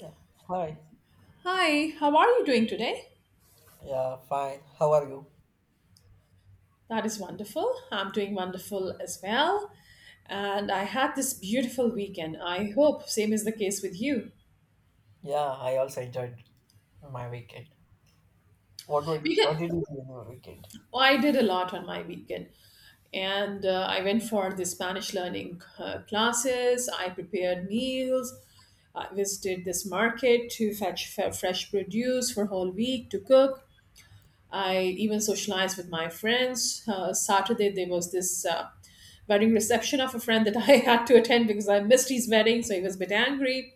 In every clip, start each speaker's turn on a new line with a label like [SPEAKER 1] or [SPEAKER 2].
[SPEAKER 1] Yeah. Hi.
[SPEAKER 2] Hi, how are you doing today?
[SPEAKER 1] Yeah, fine. How are you?
[SPEAKER 2] That is wonderful. I'm doing wonderful as well. And I had this beautiful weekend. I hope same is the case with you.
[SPEAKER 1] Yeah, I also enjoyed my weekend.
[SPEAKER 2] Because
[SPEAKER 1] What did you do in your weekend?
[SPEAKER 2] I did a lot on my weekend. And I went for the Spanish learning classes. I prepared meals. I visited this market to fetch fresh produce for whole week to cook. I even socialized with my friends. Saturday, there was this wedding reception of a friend that I had to attend because I missed his wedding, so he was a bit angry.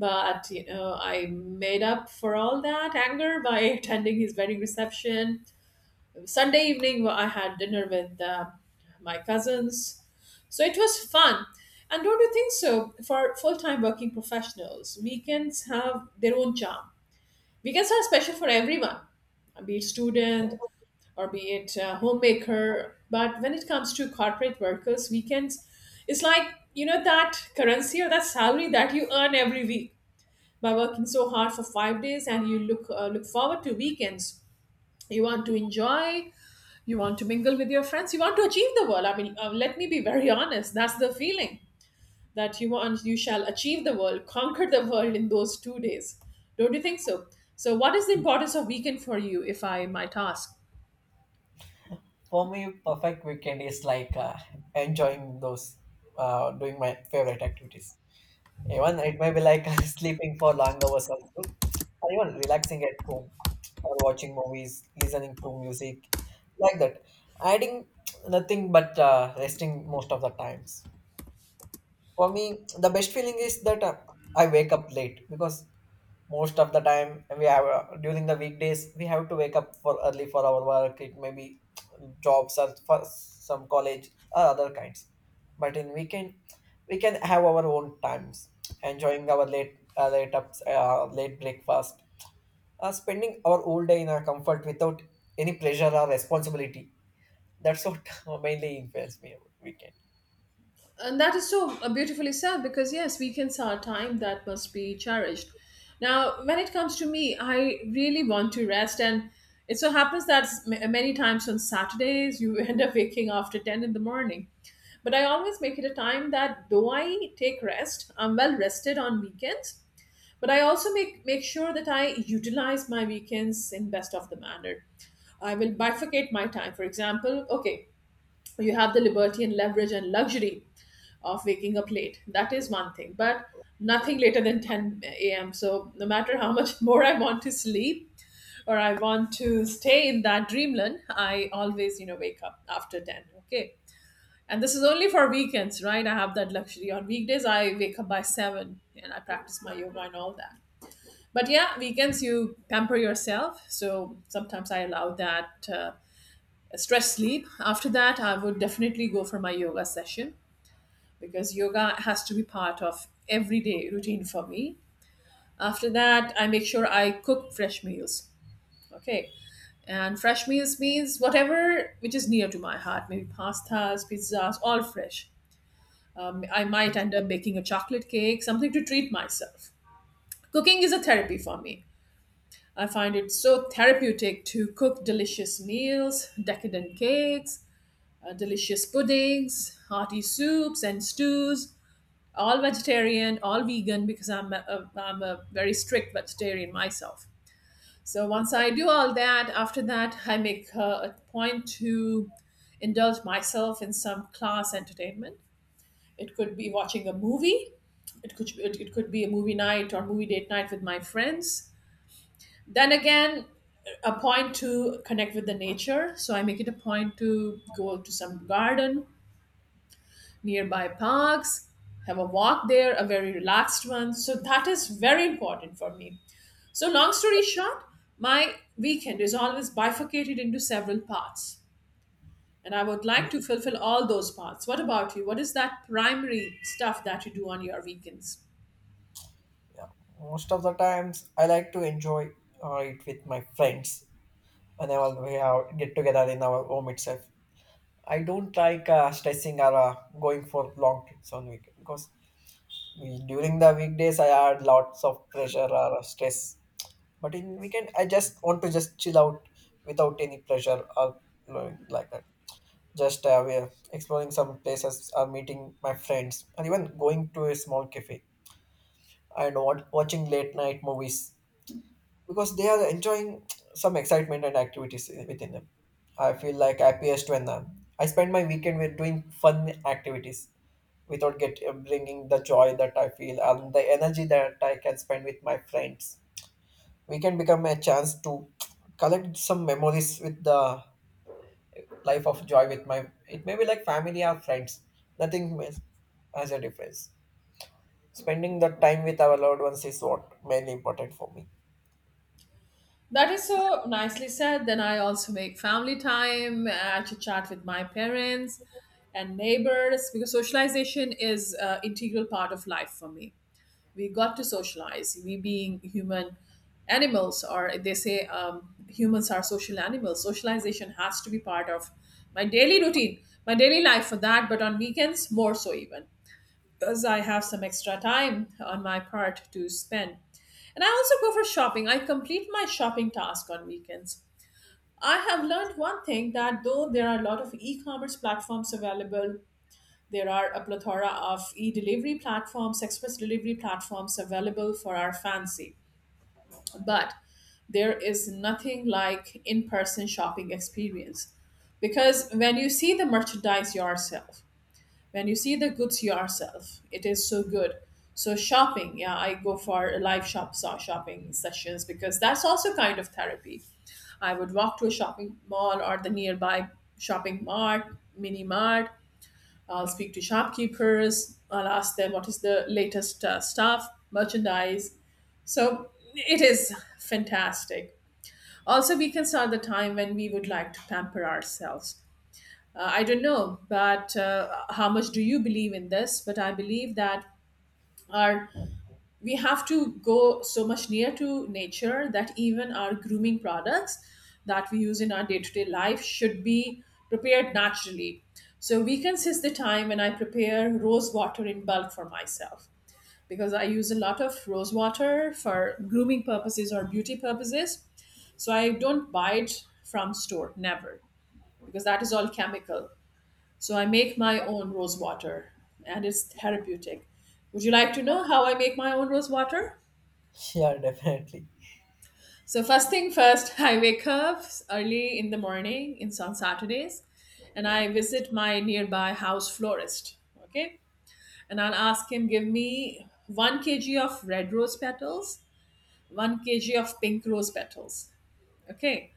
[SPEAKER 2] But you know, I made up for all that anger by attending his wedding reception. Sunday evening, I had dinner with my cousins, so it was fun. And don't you think so? For full-time working professionals, weekends have their own charm. Weekends are special for everyone, be it student, or be it a homemaker. But when it comes to corporate workers, weekends, it's like, you know, that currency or that salary that you earn every week by working so hard for 5 days and you look forward to weekends. You want to enjoy, you want to mingle with your friends, you want to achieve the world. I mean, let me be very honest, that's the feeling that you want, you shall achieve the world, conquer the world in those 2 days. Don't you think so? So, what is the importance of weekend for you, if I might ask?
[SPEAKER 1] For me, perfect weekend is like enjoying doing my favorite activities. Even it may be like sleeping for long hours also, or even relaxing at home, or watching movies, listening to music, like that. Adding nothing but resting most of the times. For me, the best feeling is that I wake up late because most of the time we have during the weekdays we have to wake up for early for our work. It may be jobs or for some college or other kinds, but in weekend we can have our own times, enjoying our late late ups late breakfast, spending our whole day in our comfort without any pressure or responsibility. That's what mainly influenced me about weekend.
[SPEAKER 2] And that is so beautifully said because, yes, weekends are time that must be cherished. Now, when it comes to me, I really want to rest. And it so happens that many times on Saturdays, you end up waking after 10 in the morning. But I always make it a time that though I take rest, I'm well rested on weekends, but I also make sure that I utilize my weekends in best of the manner. I will bifurcate my time. For example, okay, so you have the liberty and leverage and luxury of waking up late. That is one thing, but nothing later than 10 a.m. So, no matter how much more I want to sleep or I want to stay in that dreamland, I always, you know, wake up after 10. Okay. And this is only for weekends, right? I have that luxury. On weekdays, I wake up by 7 and I practice my yoga and all that. But yeah, weekends you pamper yourself. So sometimes I allow that stress sleep. After that, I would definitely go for my yoga session because yoga has to be part of everyday routine for me. After that, I make sure I cook fresh meals. Okay. And fresh meals means whatever which is near to my heart, maybe pastas, pizzas, all fresh. I might end up baking a chocolate cake, something to treat myself. Cooking is a therapy for me. I find it so therapeutic to cook delicious meals, decadent cakes, delicious puddings, hearty soups, and stews. All vegetarian, all vegan, because I'm a very strict vegetarian myself. So once I do all that, after that, I make a point to indulge myself in some class entertainment. It could be watching a movie. It could be a movie night or movie date night with my friends. Then again, a point to connect with the nature. So I make it a point to go to some garden nearby parks, have a walk there, a very relaxed one. So that is very important for me. So long story short, my weekend is always bifurcated into several parts. And I would like to fulfill all those parts. What about you? What is that primary stuff that you do on your weekends?
[SPEAKER 1] Yeah, most of the times I like to enjoy it with my friends, and then we have get together in our home itself. I don't like stressing or going for long trips on weekend because we, during the weekdays I had lots of pressure or stress. But in weekend I just want to just chill out without any pressure or like that. Just we are exploring some places or meeting my friends and even going to a small cafe and watching late night movies because they are enjoying some excitement and activities within them. I feel like happiest when I spend my weekend with doing fun activities without get bringing the joy that I feel and the energy that I can spend with my friends. We can become a chance to collect some memories with the life of joy with my. It may be like family or friends. Nothing ma- Has a difference. Spending the time with our loved ones is what mainly important for me.
[SPEAKER 2] That is so nicely said. Then I also make family time. I chit chat with my parents and neighbors because socialization is an integral part of life for me. We got to socialize, we being human animals, or they say humans are social animals. Socialization has to be part of my daily routine, my daily life for that, but on weekends more so, even because I have some extra time on my part to spend. And I also go for shopping. I complete my shopping task on weekends. I have learned one thing, that though there are a lot of e-commerce platforms available, there are a plethora of e delivery platforms, express delivery platforms available for our fancy. But there is nothing like in person shopping experience. Because when you see the merchandise yourself, when you see the goods yourself, it is so good. So, shopping, yeah, I go for live shopping sessions because that's also kind of therapy. I would walk to a shopping mall or the nearby shopping mart, mini mart. I'll speak to shopkeepers. I'll ask them what is the latest stuff, merchandise. So it is fantastic. Also, we can start the time when we would like to pamper ourselves. I don't know, but how much do you believe in this? But I believe that our we have to go so much near to nature that even our grooming products that we use in our day-to-day life should be prepared naturally. So weekends is the time when I prepare rose water in bulk for myself, because I use a lot of rose water for grooming purposes or beauty purposes. So I don't buy it from store, never, because that is all chemical. So I make my own rose water, and it's therapeutic. Would you like to know how I make my own rose water?
[SPEAKER 1] Yeah, definitely.
[SPEAKER 2] So first thing first, I wake up early in the morning in on Saturdays, and I visit my nearby house florist. Okay, and I'll ask him give me one kg of red rose petals, one kg of pink rose petals. Okay,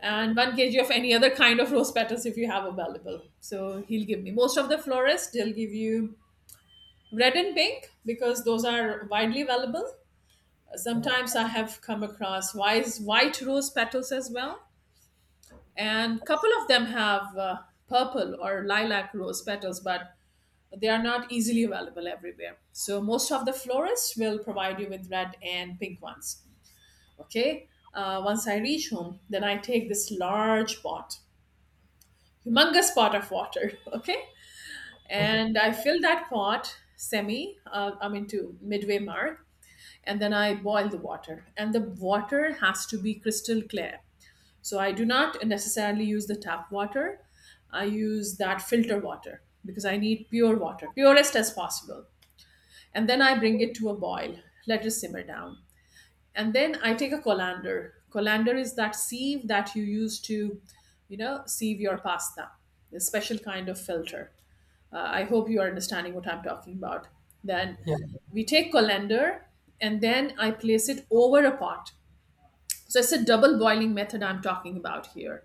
[SPEAKER 2] and one kg of any other kind of rose petals if you have available. So he'll give me, most of the florists, they'll give you red and pink because those are widely available.
[SPEAKER 1] Yeah.
[SPEAKER 2] Sometimes I have come across wise white rose petals as well, and couple of them have purple or lilac rose petals, but they are not easily available everywhere, so most of the florists will provide you with red and pink ones. Okay. Once I reach home, then I take this large pot, humongous pot of water. Okay. And I fill that pot semi, I mean to midway mark, and then I boil the water, and the water has to be crystal clear. So I do not necessarily use the tap water. I use that filter water because I need pure water, purest as possible. And then I bring it to a boil, let it simmer down. And then I take a colander. Colander is that sieve that you use to, you know, sieve your pasta, a special kind of filter. I hope you are understanding what I'm talking about. Then
[SPEAKER 1] Yeah.
[SPEAKER 2] we take colander, and then I place it over a pot. So it's a double boiling method I'm talking about here.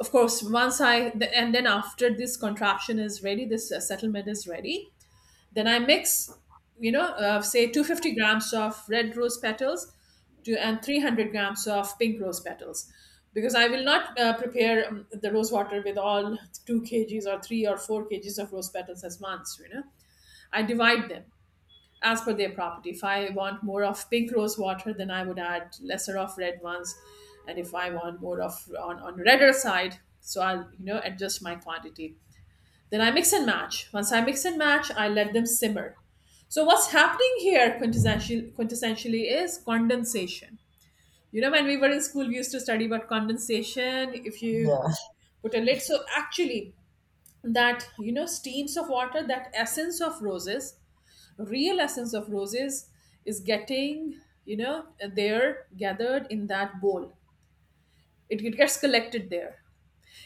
[SPEAKER 2] Of course, and then after this contraption is ready, this settlement is ready, then I mix, you know, say 250 grams of red rose petals to and 300 grams of pink rose petals, because I will not prepare the rose water with all 2 kgs or 3 or 4 kgs of rose petals as once, you know, I divide them as per their property. If I want more of pink rose water, then I would add lesser of red ones, and if I want more of on redder side, so I'll, you know, adjust my quantity. Then I mix and match. Once I mix and match, I let them simmer. So what's happening here quintessentially is condensation. You know, when we were in school, we used to study about condensation. If you
[SPEAKER 1] Yeah,
[SPEAKER 2] put a lid, so actually that, you know, steams of water, that essence of roses, real essence of roses is getting, you know, there gathered in that bowl. It gets collected there,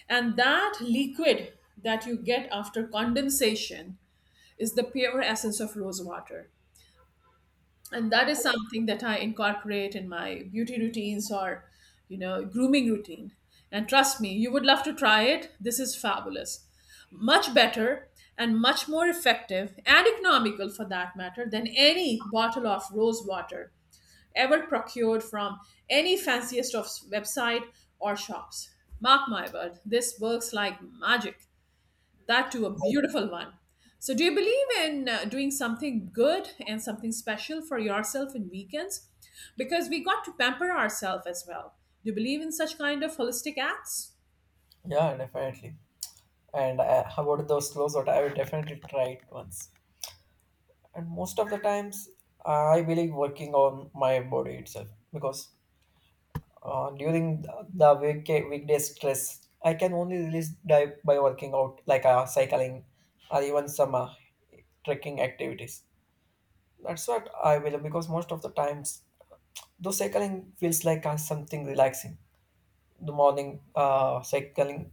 [SPEAKER 2] and that liquid that you get after condensation is the pure essence of rose water. And that is something that I incorporate in my beauty routines, or you know, grooming routine. And trust me, you would love to try it. This is fabulous, much better and much more effective and economical for that matter than any bottle of rose water ever procured from any fanciest of website or shops. Mark my word, this works like magic. That too, a beautiful one. So, do you believe in doing something good and something special for yourself in weekends? Because we got to pamper ourselves as well. Do you believe in such kind of holistic acts?
[SPEAKER 1] yeah, definitely. And how about those slows that I will definitely try it once. And most of the times, I believe working on my body itself because during the weekday stress, I can only release by working out, like cycling or even some trekking activities. That's what I will because most of the times, though cycling feels like something relaxing. The morning cycling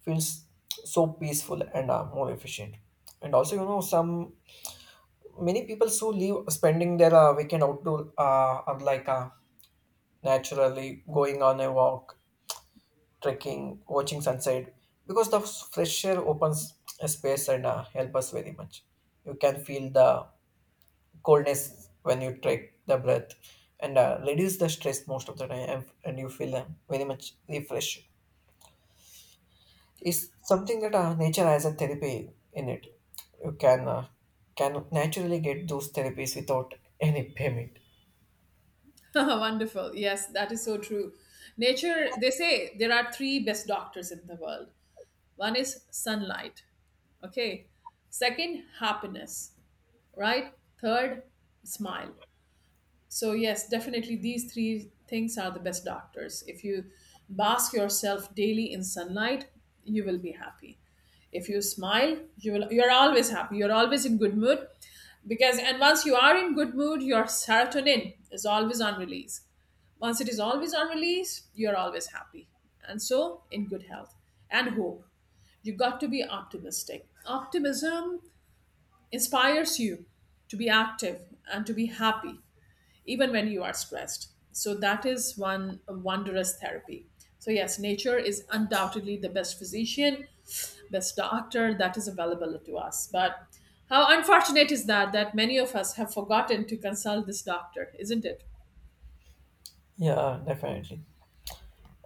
[SPEAKER 1] feels so peaceful and more efficient. And also, you know, some many people who live spending their weekend outdoor are like naturally going on a walk, trekking, watching sunset, because the fresh air opens a space and help us very much. You can feel the coldness when you take the breath and reduce the stress most of the time, and you feel very much refreshed is something that nature has a therapy in it. You can naturally get those therapies without any payment.
[SPEAKER 2] Wonderful. Yes, that is so true. Nature, they say there are three best doctors in the world. One is sunlight. Okay. Second, happiness. Right? Third, smile. So, yes, definitely these three things are the best doctors. If you bask yourself daily in sunlight, you will be happy. If you smile, you will you're always happy. You're always in good mood because and once you are in good mood, your serotonin is always on release. Once it is always on release, you're always happy. And so in good health and hope. You got to be optimistic. Optimism inspires you to be active and to be happy even when you are stressed. So that is one wondrous therapy. So yes, nature is undoubtedly the best physician, best doctor that is available to us. But how unfortunate is that that many of us have forgotten to consult this doctor, isn't it?
[SPEAKER 1] Yeah, definitely.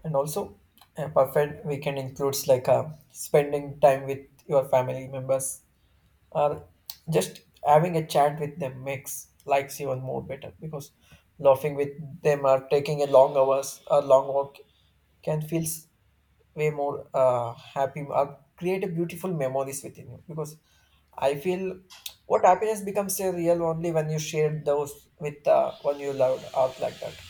[SPEAKER 1] And also, a perfect weekend includes like spending time with your family members or just having a chat with them makes likes even more better because laughing with them, or taking a long hours or long walk, can feel way more happy, create a beautiful memories within you, because I feel what happiness becomes a real only when you share those with one you loved out like that.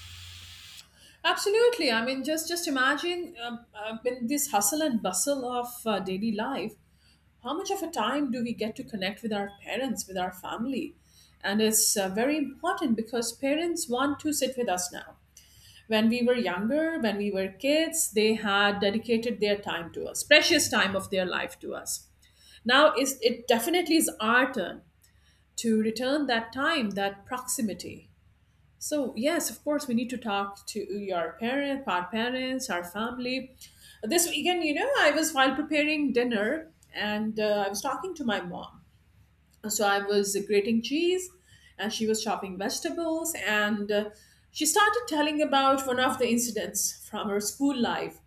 [SPEAKER 2] Absolutely. I mean, just imagine in this hustle and bustle of daily life, how much of a time do we get to connect with our parents, with our family? And it's very important because parents want to sit with us now. When we were younger, when we were kids, they had dedicated their time to us, precious time of their life to us. Now is it definitely is our turn to return that time, that proximity. So yes, of course, we need to talk to your parent, our parents, our family. This weekend, you know, I was while preparing dinner, and I was talking to my mom, so I was grating cheese, and she was chopping vegetables, and she started telling about one of the incidents from her school life,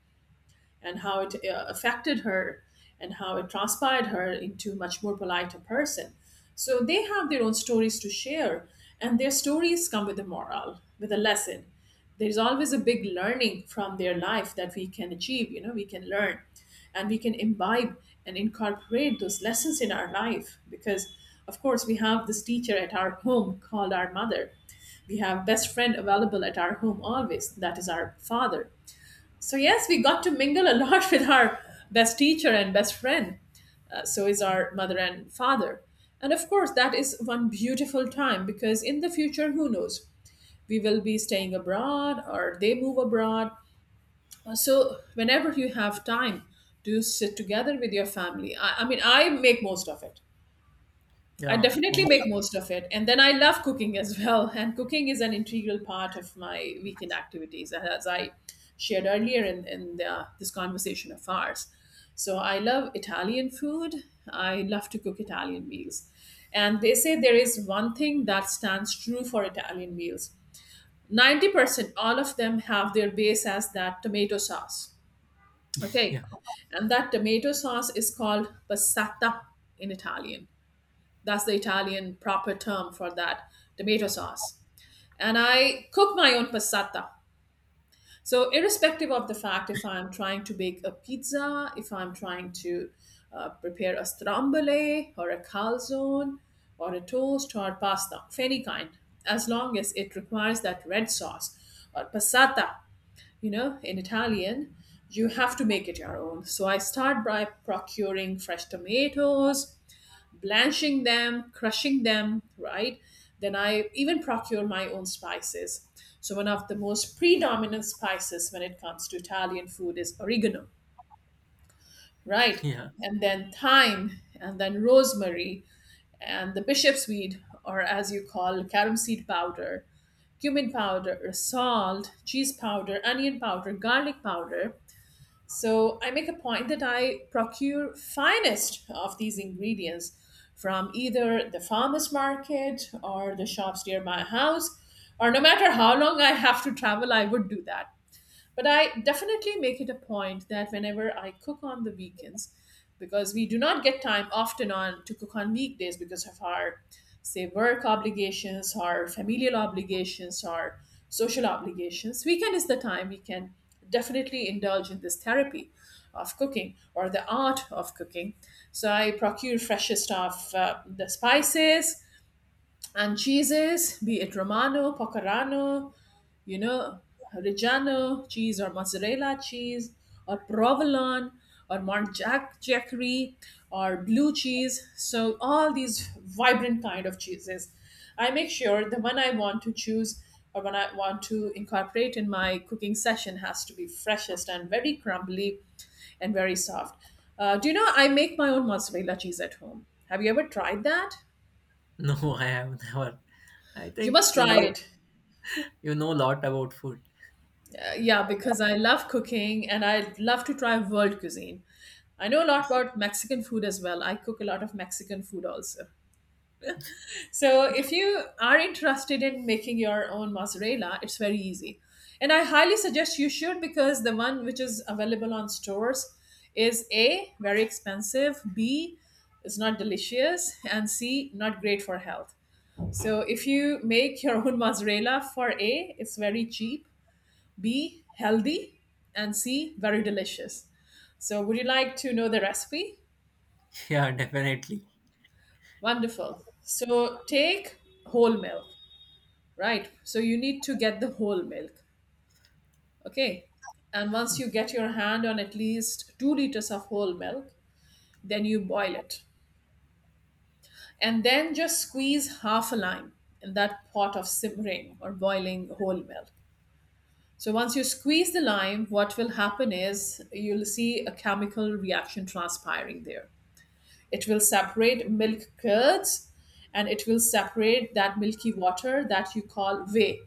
[SPEAKER 2] and how it affected her, and how it transpired her into much more politer person. So they have their own stories to share, and their stories come with a moral, with a lesson. There's always a big learning from their life that we can achieve, you know, we can learn and we can imbibe and incorporate those lessons in our life. Because of course we have this teacher at our home called our mother. We have best friend available at our home always, that is our father. So, yes, we got to mingle a lot with our best teacher and best friend. So is our mother and father. And of course, that is one beautiful time because in the future, who knows? We will be staying abroad or they move abroad. So, whenever you have time, do sit together with your family. I mean, I make most of it. I definitely make most of it. And then I love cooking as well. And cooking is an integral part of my weekend activities, as I shared earlier in this conversation of ours. So I love Italian food. I love to cook Italian meals. And they say there is one thing that stands true for Italian meals 90%, all of them have their base as that tomato sauce. Okay. And that tomato sauce is called passata in Italian. That's the Italian proper term for that tomato sauce. And I cook my own passata. So, irrespective of the fact, if I'm trying to bake a pizza, if I'm trying to prepare a stromboli or a calzone or a toast or pasta of any kind, as long as it requires that red sauce or passata, you know, in Italian, you have to make it your own. So, I start by procuring fresh tomatoes, blanching them, crushing them, right? Then I even procure my own spices. So, one of the most predominant spices when it comes to Italian food is oregano, right?
[SPEAKER 1] Yeah.
[SPEAKER 2] And then thyme, and then rosemary, and the bishop's weed, or as you call carom seed powder, cumin powder, salt, cheese powder, onion powder, garlic powder, so I make a point that I procure finest of these ingredients from either the farmers market or the shops near my house, or no matter how long I have to travel, I would do that. But I definitely make it a point that whenever I cook on the weekends, because we do not get time often on to cook on weekdays because of our say work obligations, our familial obligations, our social obligations. Weekend is the time we can definitely indulge in this therapy of cooking or the art of cooking. So I procure freshest of the spices and cheeses, be it Romano, Pecorano, you know, Reggiano cheese or mozzarella cheese or provolone or Mont Jack Jackery or blue cheese. So all these vibrant kind of cheeses. I make sure the one I want to choose or when I want to incorporate in my cooking session has to be freshest and very crumbly and very soft. Do you know I make my own mozzarella cheese at home? Have you ever tried that?
[SPEAKER 1] No, I have never. I
[SPEAKER 2] You
[SPEAKER 1] think
[SPEAKER 2] must try it.
[SPEAKER 1] you know a lot about food.
[SPEAKER 2] Yeah, because I love cooking and I love to try world cuisine. I know a lot about Mexican food as well. I cook a lot of Mexican food also. So if you are interested in making your own mozzarella, it's very easy. And I highly suggest you should, because the one which is available on stores is A, very expensive, B, it's not delicious, and C, not great for health. So if you make your own mozzarella, for A, it's very cheap, B, healthy, and C, very delicious. So, would you like to know the recipe?
[SPEAKER 1] Yeah, definitely.
[SPEAKER 2] Wonderful. So, take whole milk, right? So, you need to get the whole milk, okay? And once you get your hand on at least 2 liters of whole milk, then you boil it. And then just squeeze half a lime in that pot of simmering or boiling whole milk. So once you squeeze the lime, what will happen is you'll see a chemical reaction transpiring there. It will separate milk curds and it will separate that milky water that you call whey.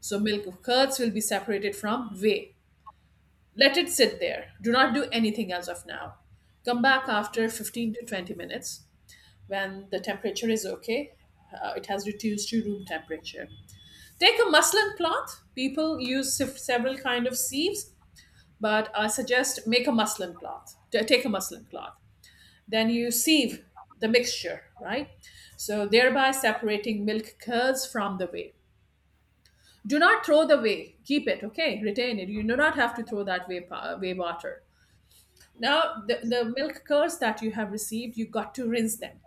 [SPEAKER 2] So, milk curds will be separated from whey. Let it sit there. Do not do anything as of now. Come back after 15 to 20 minutes when the temperature is okay. It has reduced to room temperature. Take a muslin cloth. People use several kind of sieves, but I suggest make a muslin cloth. Take a muslin cloth. Then you sieve the mixture, right? So thereby separating milk curds from the whey. Do not throw the whey. Keep it, okay? Retain it. You do not have to throw that whey, whey water. Now, the milk curds that you have received, you got to rinse them,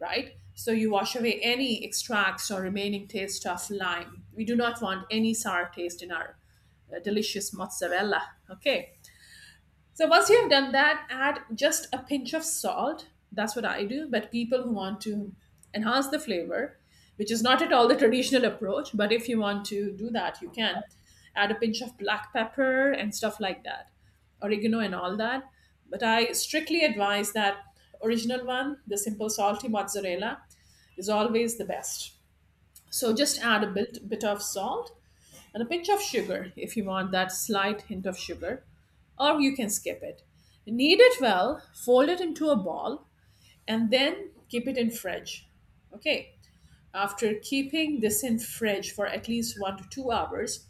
[SPEAKER 2] right? So you wash away any extracts or remaining taste of lime. We do not want any sour taste in our delicious mozzarella, okay? So once you have done that, add just a pinch of salt. That's what I do. But people who want to enhance the flavor, which is not at all the traditional approach, but if you want to do that, you can add a pinch of black pepper and stuff like that, oregano and all that. But I strictly advise that original one, the simple salty mozzarella, is always the best. So just add a bit of salt and a pinch of sugar if you want that slight hint of sugar, or you can skip it. Knead it well, fold it into a ball, and then keep it in fridge. Okay. After keeping this in fridge for at least 1 to 2 hours,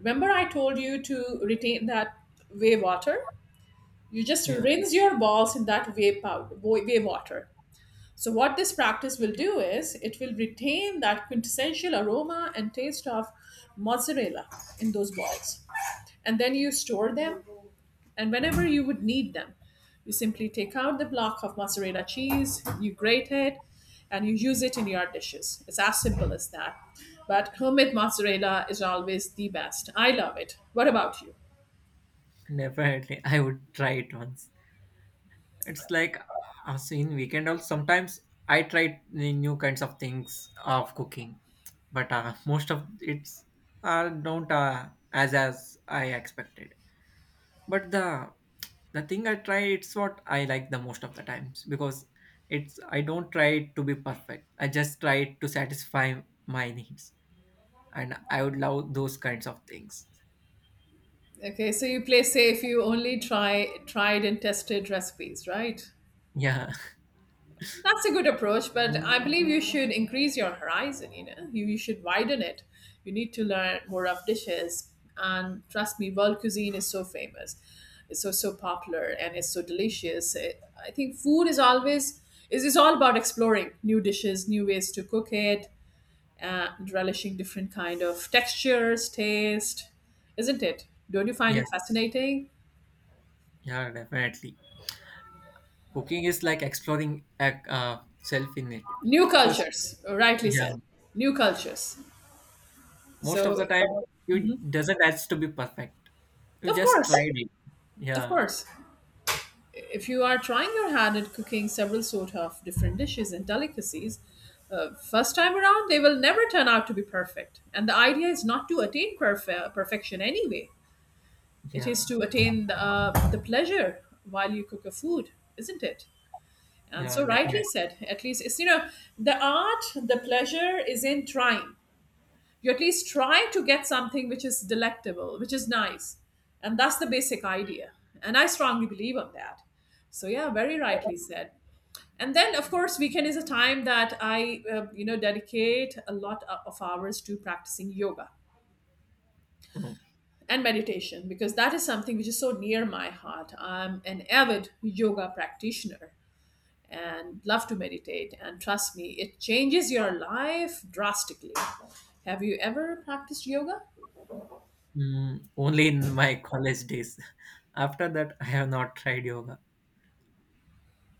[SPEAKER 2] remember I told you to retain that whey water. You just
[SPEAKER 1] Yeah,
[SPEAKER 2] rinse your balls in that whey powder, whey water. So what this practice will do is it will retain that quintessential aroma and taste of mozzarella in those balls, and then you store them. And whenever you would need them, you simply take out the block of mozzarella cheese, you grate it, and you use it in your dishes. It's as simple as that. But homemade mozzarella is always the best. I love it. What about you?
[SPEAKER 1] definitely. I would try it once. It's like so in weekend also sometimes I try the new kinds of things of cooking, but most of it's don't as I expected, but the thing I try it's what I like the most of the times because it's I don't try it to be perfect, I just try it to satisfy my needs, and I would love those kinds of things.
[SPEAKER 2] Okay, so you play safe. You only try tried and tested recipes, right?
[SPEAKER 1] Yeah.
[SPEAKER 2] That's a good approach, but I believe you should increase your horizon, you know. You should widen it. You need to learn more of dishes. And trust me, world cuisine is so famous. It's so popular and it's so delicious. I think food is always is all about exploring new dishes, new ways to cook it, relishing different kind of textures, taste, isn't it? Don't you find it
[SPEAKER 1] yeah
[SPEAKER 2] fascinating?
[SPEAKER 1] yeah, definitely. Cooking is like exploring self in it
[SPEAKER 2] New
[SPEAKER 1] because
[SPEAKER 2] cultures, rightly
[SPEAKER 1] yeah.
[SPEAKER 2] said. New cultures.
[SPEAKER 1] Most of
[SPEAKER 2] So,
[SPEAKER 1] the time, you doesn't has to be perfect. You
[SPEAKER 2] of
[SPEAKER 1] just
[SPEAKER 2] course,
[SPEAKER 1] tried it.
[SPEAKER 2] Of
[SPEAKER 1] Yeah,
[SPEAKER 2] course, if you are trying your hand at cooking several sort of different dishes and delicacies, first time around they will never turn out to be perfect. And the idea is not to attain perfection anyway. It
[SPEAKER 1] yeah,
[SPEAKER 2] is to attain the pleasure while you cook a food, isn't it? And
[SPEAKER 1] yeah,
[SPEAKER 2] so rightly
[SPEAKER 1] definitely.
[SPEAKER 2] said. At least it's the art, the pleasure is in trying. You at least try to get something which is delectable, which is nice. And that's the basic idea. And I strongly believe on that. So yeah, very rightly said. And then of course weekend is a time that I dedicate a lot of hours to practicing yoga
[SPEAKER 1] Mm.
[SPEAKER 2] and meditation because that is something which is so near my heart. I'm an avid yoga practitioner and love to meditate, and trust me, it changes your life drastically. Have you ever practiced yoga?
[SPEAKER 1] Mm, only in my college days. After that, I have not tried yoga.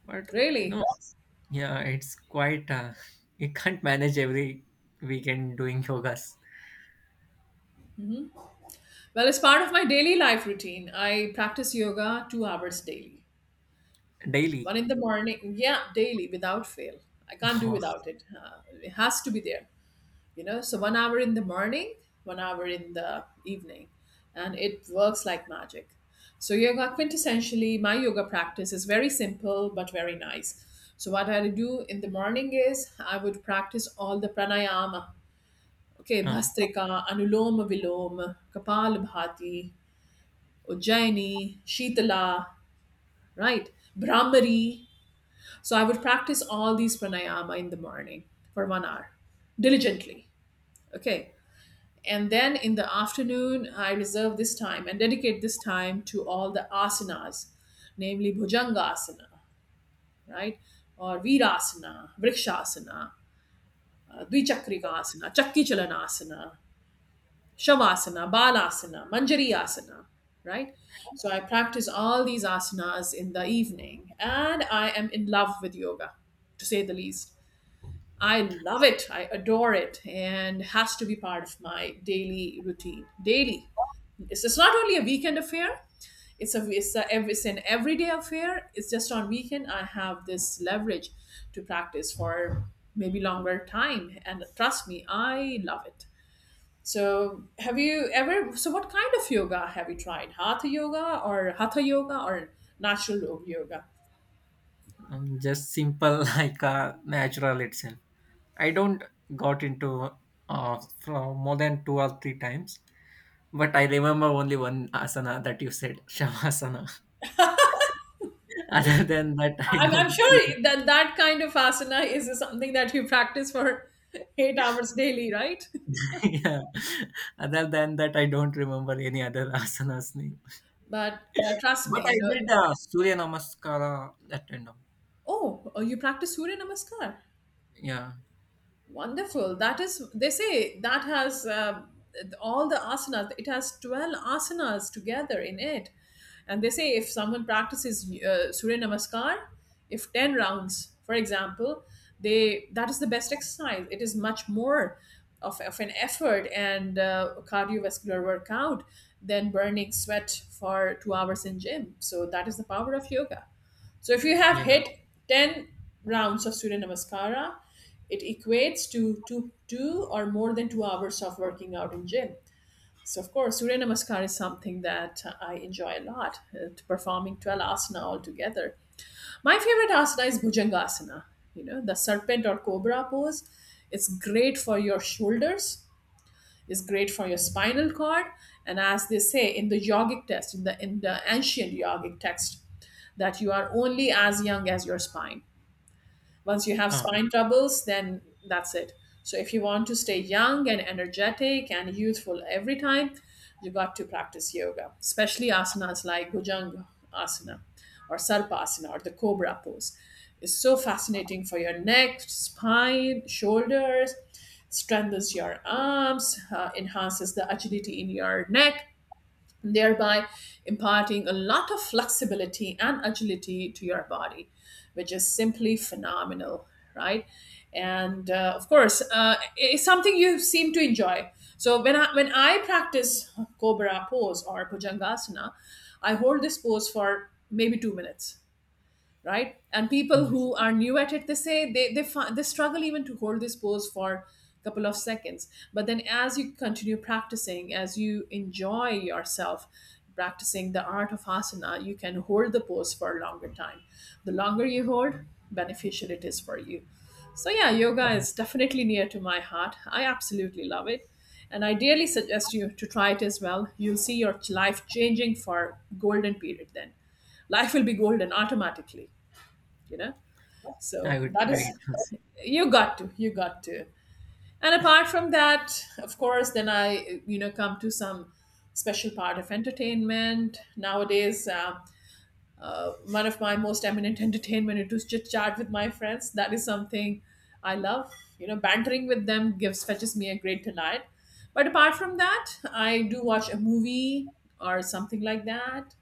[SPEAKER 1] But I know,
[SPEAKER 2] Really?
[SPEAKER 1] yeah, it's quite. You can't manage every weekend doing yogas
[SPEAKER 2] Well, as part of my daily life routine, I practice yoga 2 hours daily.
[SPEAKER 1] daily.
[SPEAKER 2] One in the morning, yeah, daily without fail. I can't do without it. It has to be there, you know. So 1 hour in the morning, 1 hour in the evening, and it works like magic. So yoga, quintessentially, my yoga practice is very simple but very nice. So what I do in the morning is I would practice all the pranayama, okay,
[SPEAKER 1] Uh,
[SPEAKER 2] Bhastrika, Anuloma Viloma, Kapalabhati, Ujjaini, Shitala, right? Brahmari. So I would practice all these pranayama in the morning for 1 hour diligently. Okay. And then in the afternoon, I reserve this time and dedicate this time to all the asanas, namely Bhujangasana, right? Or Virasana, Vrikshasana, Dvichakrika Asana, Chakki Chalanasana, Shavasana, Balasana, Manjari Asana, right? So I practice all these asanas in the evening and I am in love with yoga, to say the least. I love it, I adore it, and has to be part of my daily routine. Daily. It's not only a weekend affair, it's, a, it's, a, it's an everyday affair. It's just on weekend I have this leverage to practice for maybe longer time. And trust me, I love it. So, have you ever? So, what kind of yoga have you tried? Hatha yoga or natural yoga?
[SPEAKER 1] just simple, like natural itself. I don't got into from more than two or three times, but I remember only one asana that you said, Shavasana. Other than that, I
[SPEAKER 2] I'm
[SPEAKER 1] don't.
[SPEAKER 2] sure that that kind of asana is something that you practice for 8 hours daily, right?
[SPEAKER 1] Yeah. Other than that, I don't remember any other asanas name.
[SPEAKER 2] But trust me,
[SPEAKER 1] But I
[SPEAKER 2] you know.
[SPEAKER 1] did Surya Namaskara at random.
[SPEAKER 2] Oh, oh, you practice Surya Namaskar.
[SPEAKER 1] Yeah.
[SPEAKER 2] Wonderful. That is, they say that has all the asanas, it has 12 asanas together in it. And they say if someone practices Surya Namaskar, if 10 rounds, for example, they that is the best exercise. It is much more of an effort and cardiovascular workout than burning sweat for 2 hours in gym. So that is the power of yoga. So if you have
[SPEAKER 1] Yeah.
[SPEAKER 2] hit 10 rounds of Surya Namaskara, it equates to two, two or more than 2 hours of working out in gym. So of course, Surya Namaskar is something that I enjoy a lot, to performing 12 asana altogether. My favorite asana is Bhujangasana, you know, the serpent or cobra pose. It's great for your shoulders. It's great for your spinal cord. And as they say in the yogic text, in the ancient yogic text, that you are only as young as your spine. Once you have
[SPEAKER 1] Uh,
[SPEAKER 2] spine troubles, then that's it. So if you want to stay young and energetic and youthful every time, you got to practice yoga, especially asanas like Bhujanga asana or Sarpasana or the Cobra pose. It's so fascinating for your neck, spine, shoulders, strengthens your arms, enhances the agility in your neck, thereby imparting a lot of flexibility and agility to your body, which is simply phenomenal, right? And of course, it's something you seem to enjoy. So when I practice Cobra pose or Bhujangasana, I hold this pose for maybe 2 minutes, right, and people
[SPEAKER 1] mm,
[SPEAKER 2] who are new at it, they say they they struggle even to hold this pose for a couple of seconds. But then as you continue practicing, as you enjoy yourself practicing the art of asana, you can hold the pose for a longer time. The longer you hold, beneficial it is for you. So yeah, yoga is definitely near to my heart, I absolutely love it, and I dearly suggest you to try it as well. You'll see your life changing for golden period, then life will be golden automatically, you know.
[SPEAKER 1] I
[SPEAKER 2] So
[SPEAKER 1] would
[SPEAKER 2] that
[SPEAKER 1] try
[SPEAKER 2] is,
[SPEAKER 1] it.
[SPEAKER 2] you got to. And apart from that, of course, then I, come to some special part of entertainment nowadays. One of my most eminent entertainment, it was chit chat with my friends. That is something I love, you know, bantering with them gives fetches me a great delight. But apart from that, I do watch a movie or something like that.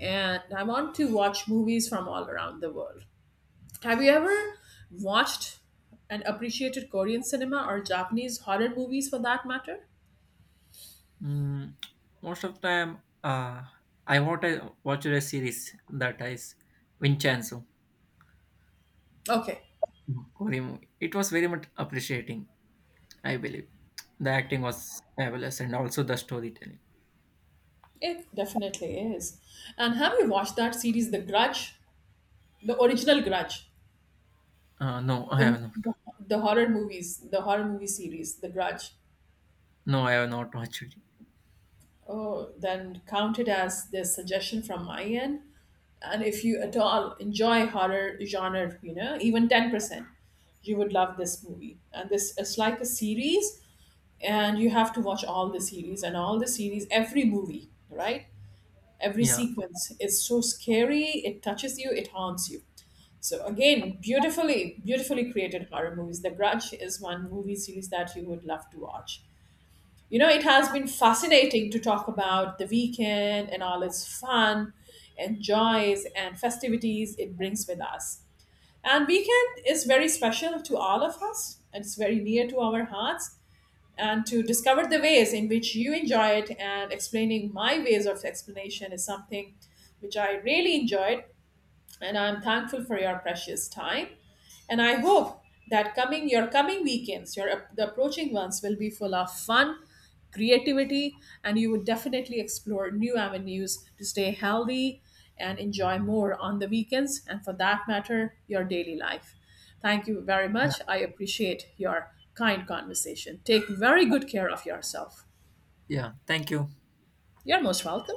[SPEAKER 2] And I want to watch movies from all around the world. Have you ever watched and appreciated Korean cinema or Japanese horror movies for that matter?
[SPEAKER 1] Mm, most of the time, I want to watch a series that is Vincenzo.
[SPEAKER 2] Okay,
[SPEAKER 1] Korean movie. It was very much appreciating, I believe. The acting was fabulous and also the storytelling.
[SPEAKER 2] it definitely is. And have you watched that series, The Grudge? The original Grudge.
[SPEAKER 1] No, I
[SPEAKER 2] The,
[SPEAKER 1] have not.
[SPEAKER 2] the, the horror movies, the horror movie series, The Grudge.
[SPEAKER 1] No, I have not watched it.
[SPEAKER 2] Oh, then count it as the suggestion from my end. And if you at all enjoy horror genre, you know, even 10%, you would love this movie. And this, it's like a series and you have to watch all the series, and all the series every movie, right, every
[SPEAKER 1] Yeah,
[SPEAKER 2] sequence is so scary. It touches you, it haunts you. So again, beautifully, beautifully created horror movies. The Grudge is one movie series that you would love to watch. You know, it has been fascinating to talk about the weekend and all its fun and joys and festivities it brings with us. And weekend is very special to all of us, it's very near to our hearts. And to discover the ways in which you enjoy it and explaining my ways of explanation is something which I really enjoyed. And I'm thankful for your precious time. And I hope that coming your coming weekends, the approaching ones will be full of fun, creativity, and you would definitely explore new avenues to stay healthy and enjoy more on the weekends and for that matter, your daily life. Thank you very
[SPEAKER 1] yeah,
[SPEAKER 2] much. I appreciate your kind conversation. Take very good care of yourself.
[SPEAKER 1] yeah. Thank you.
[SPEAKER 2] You're most welcome.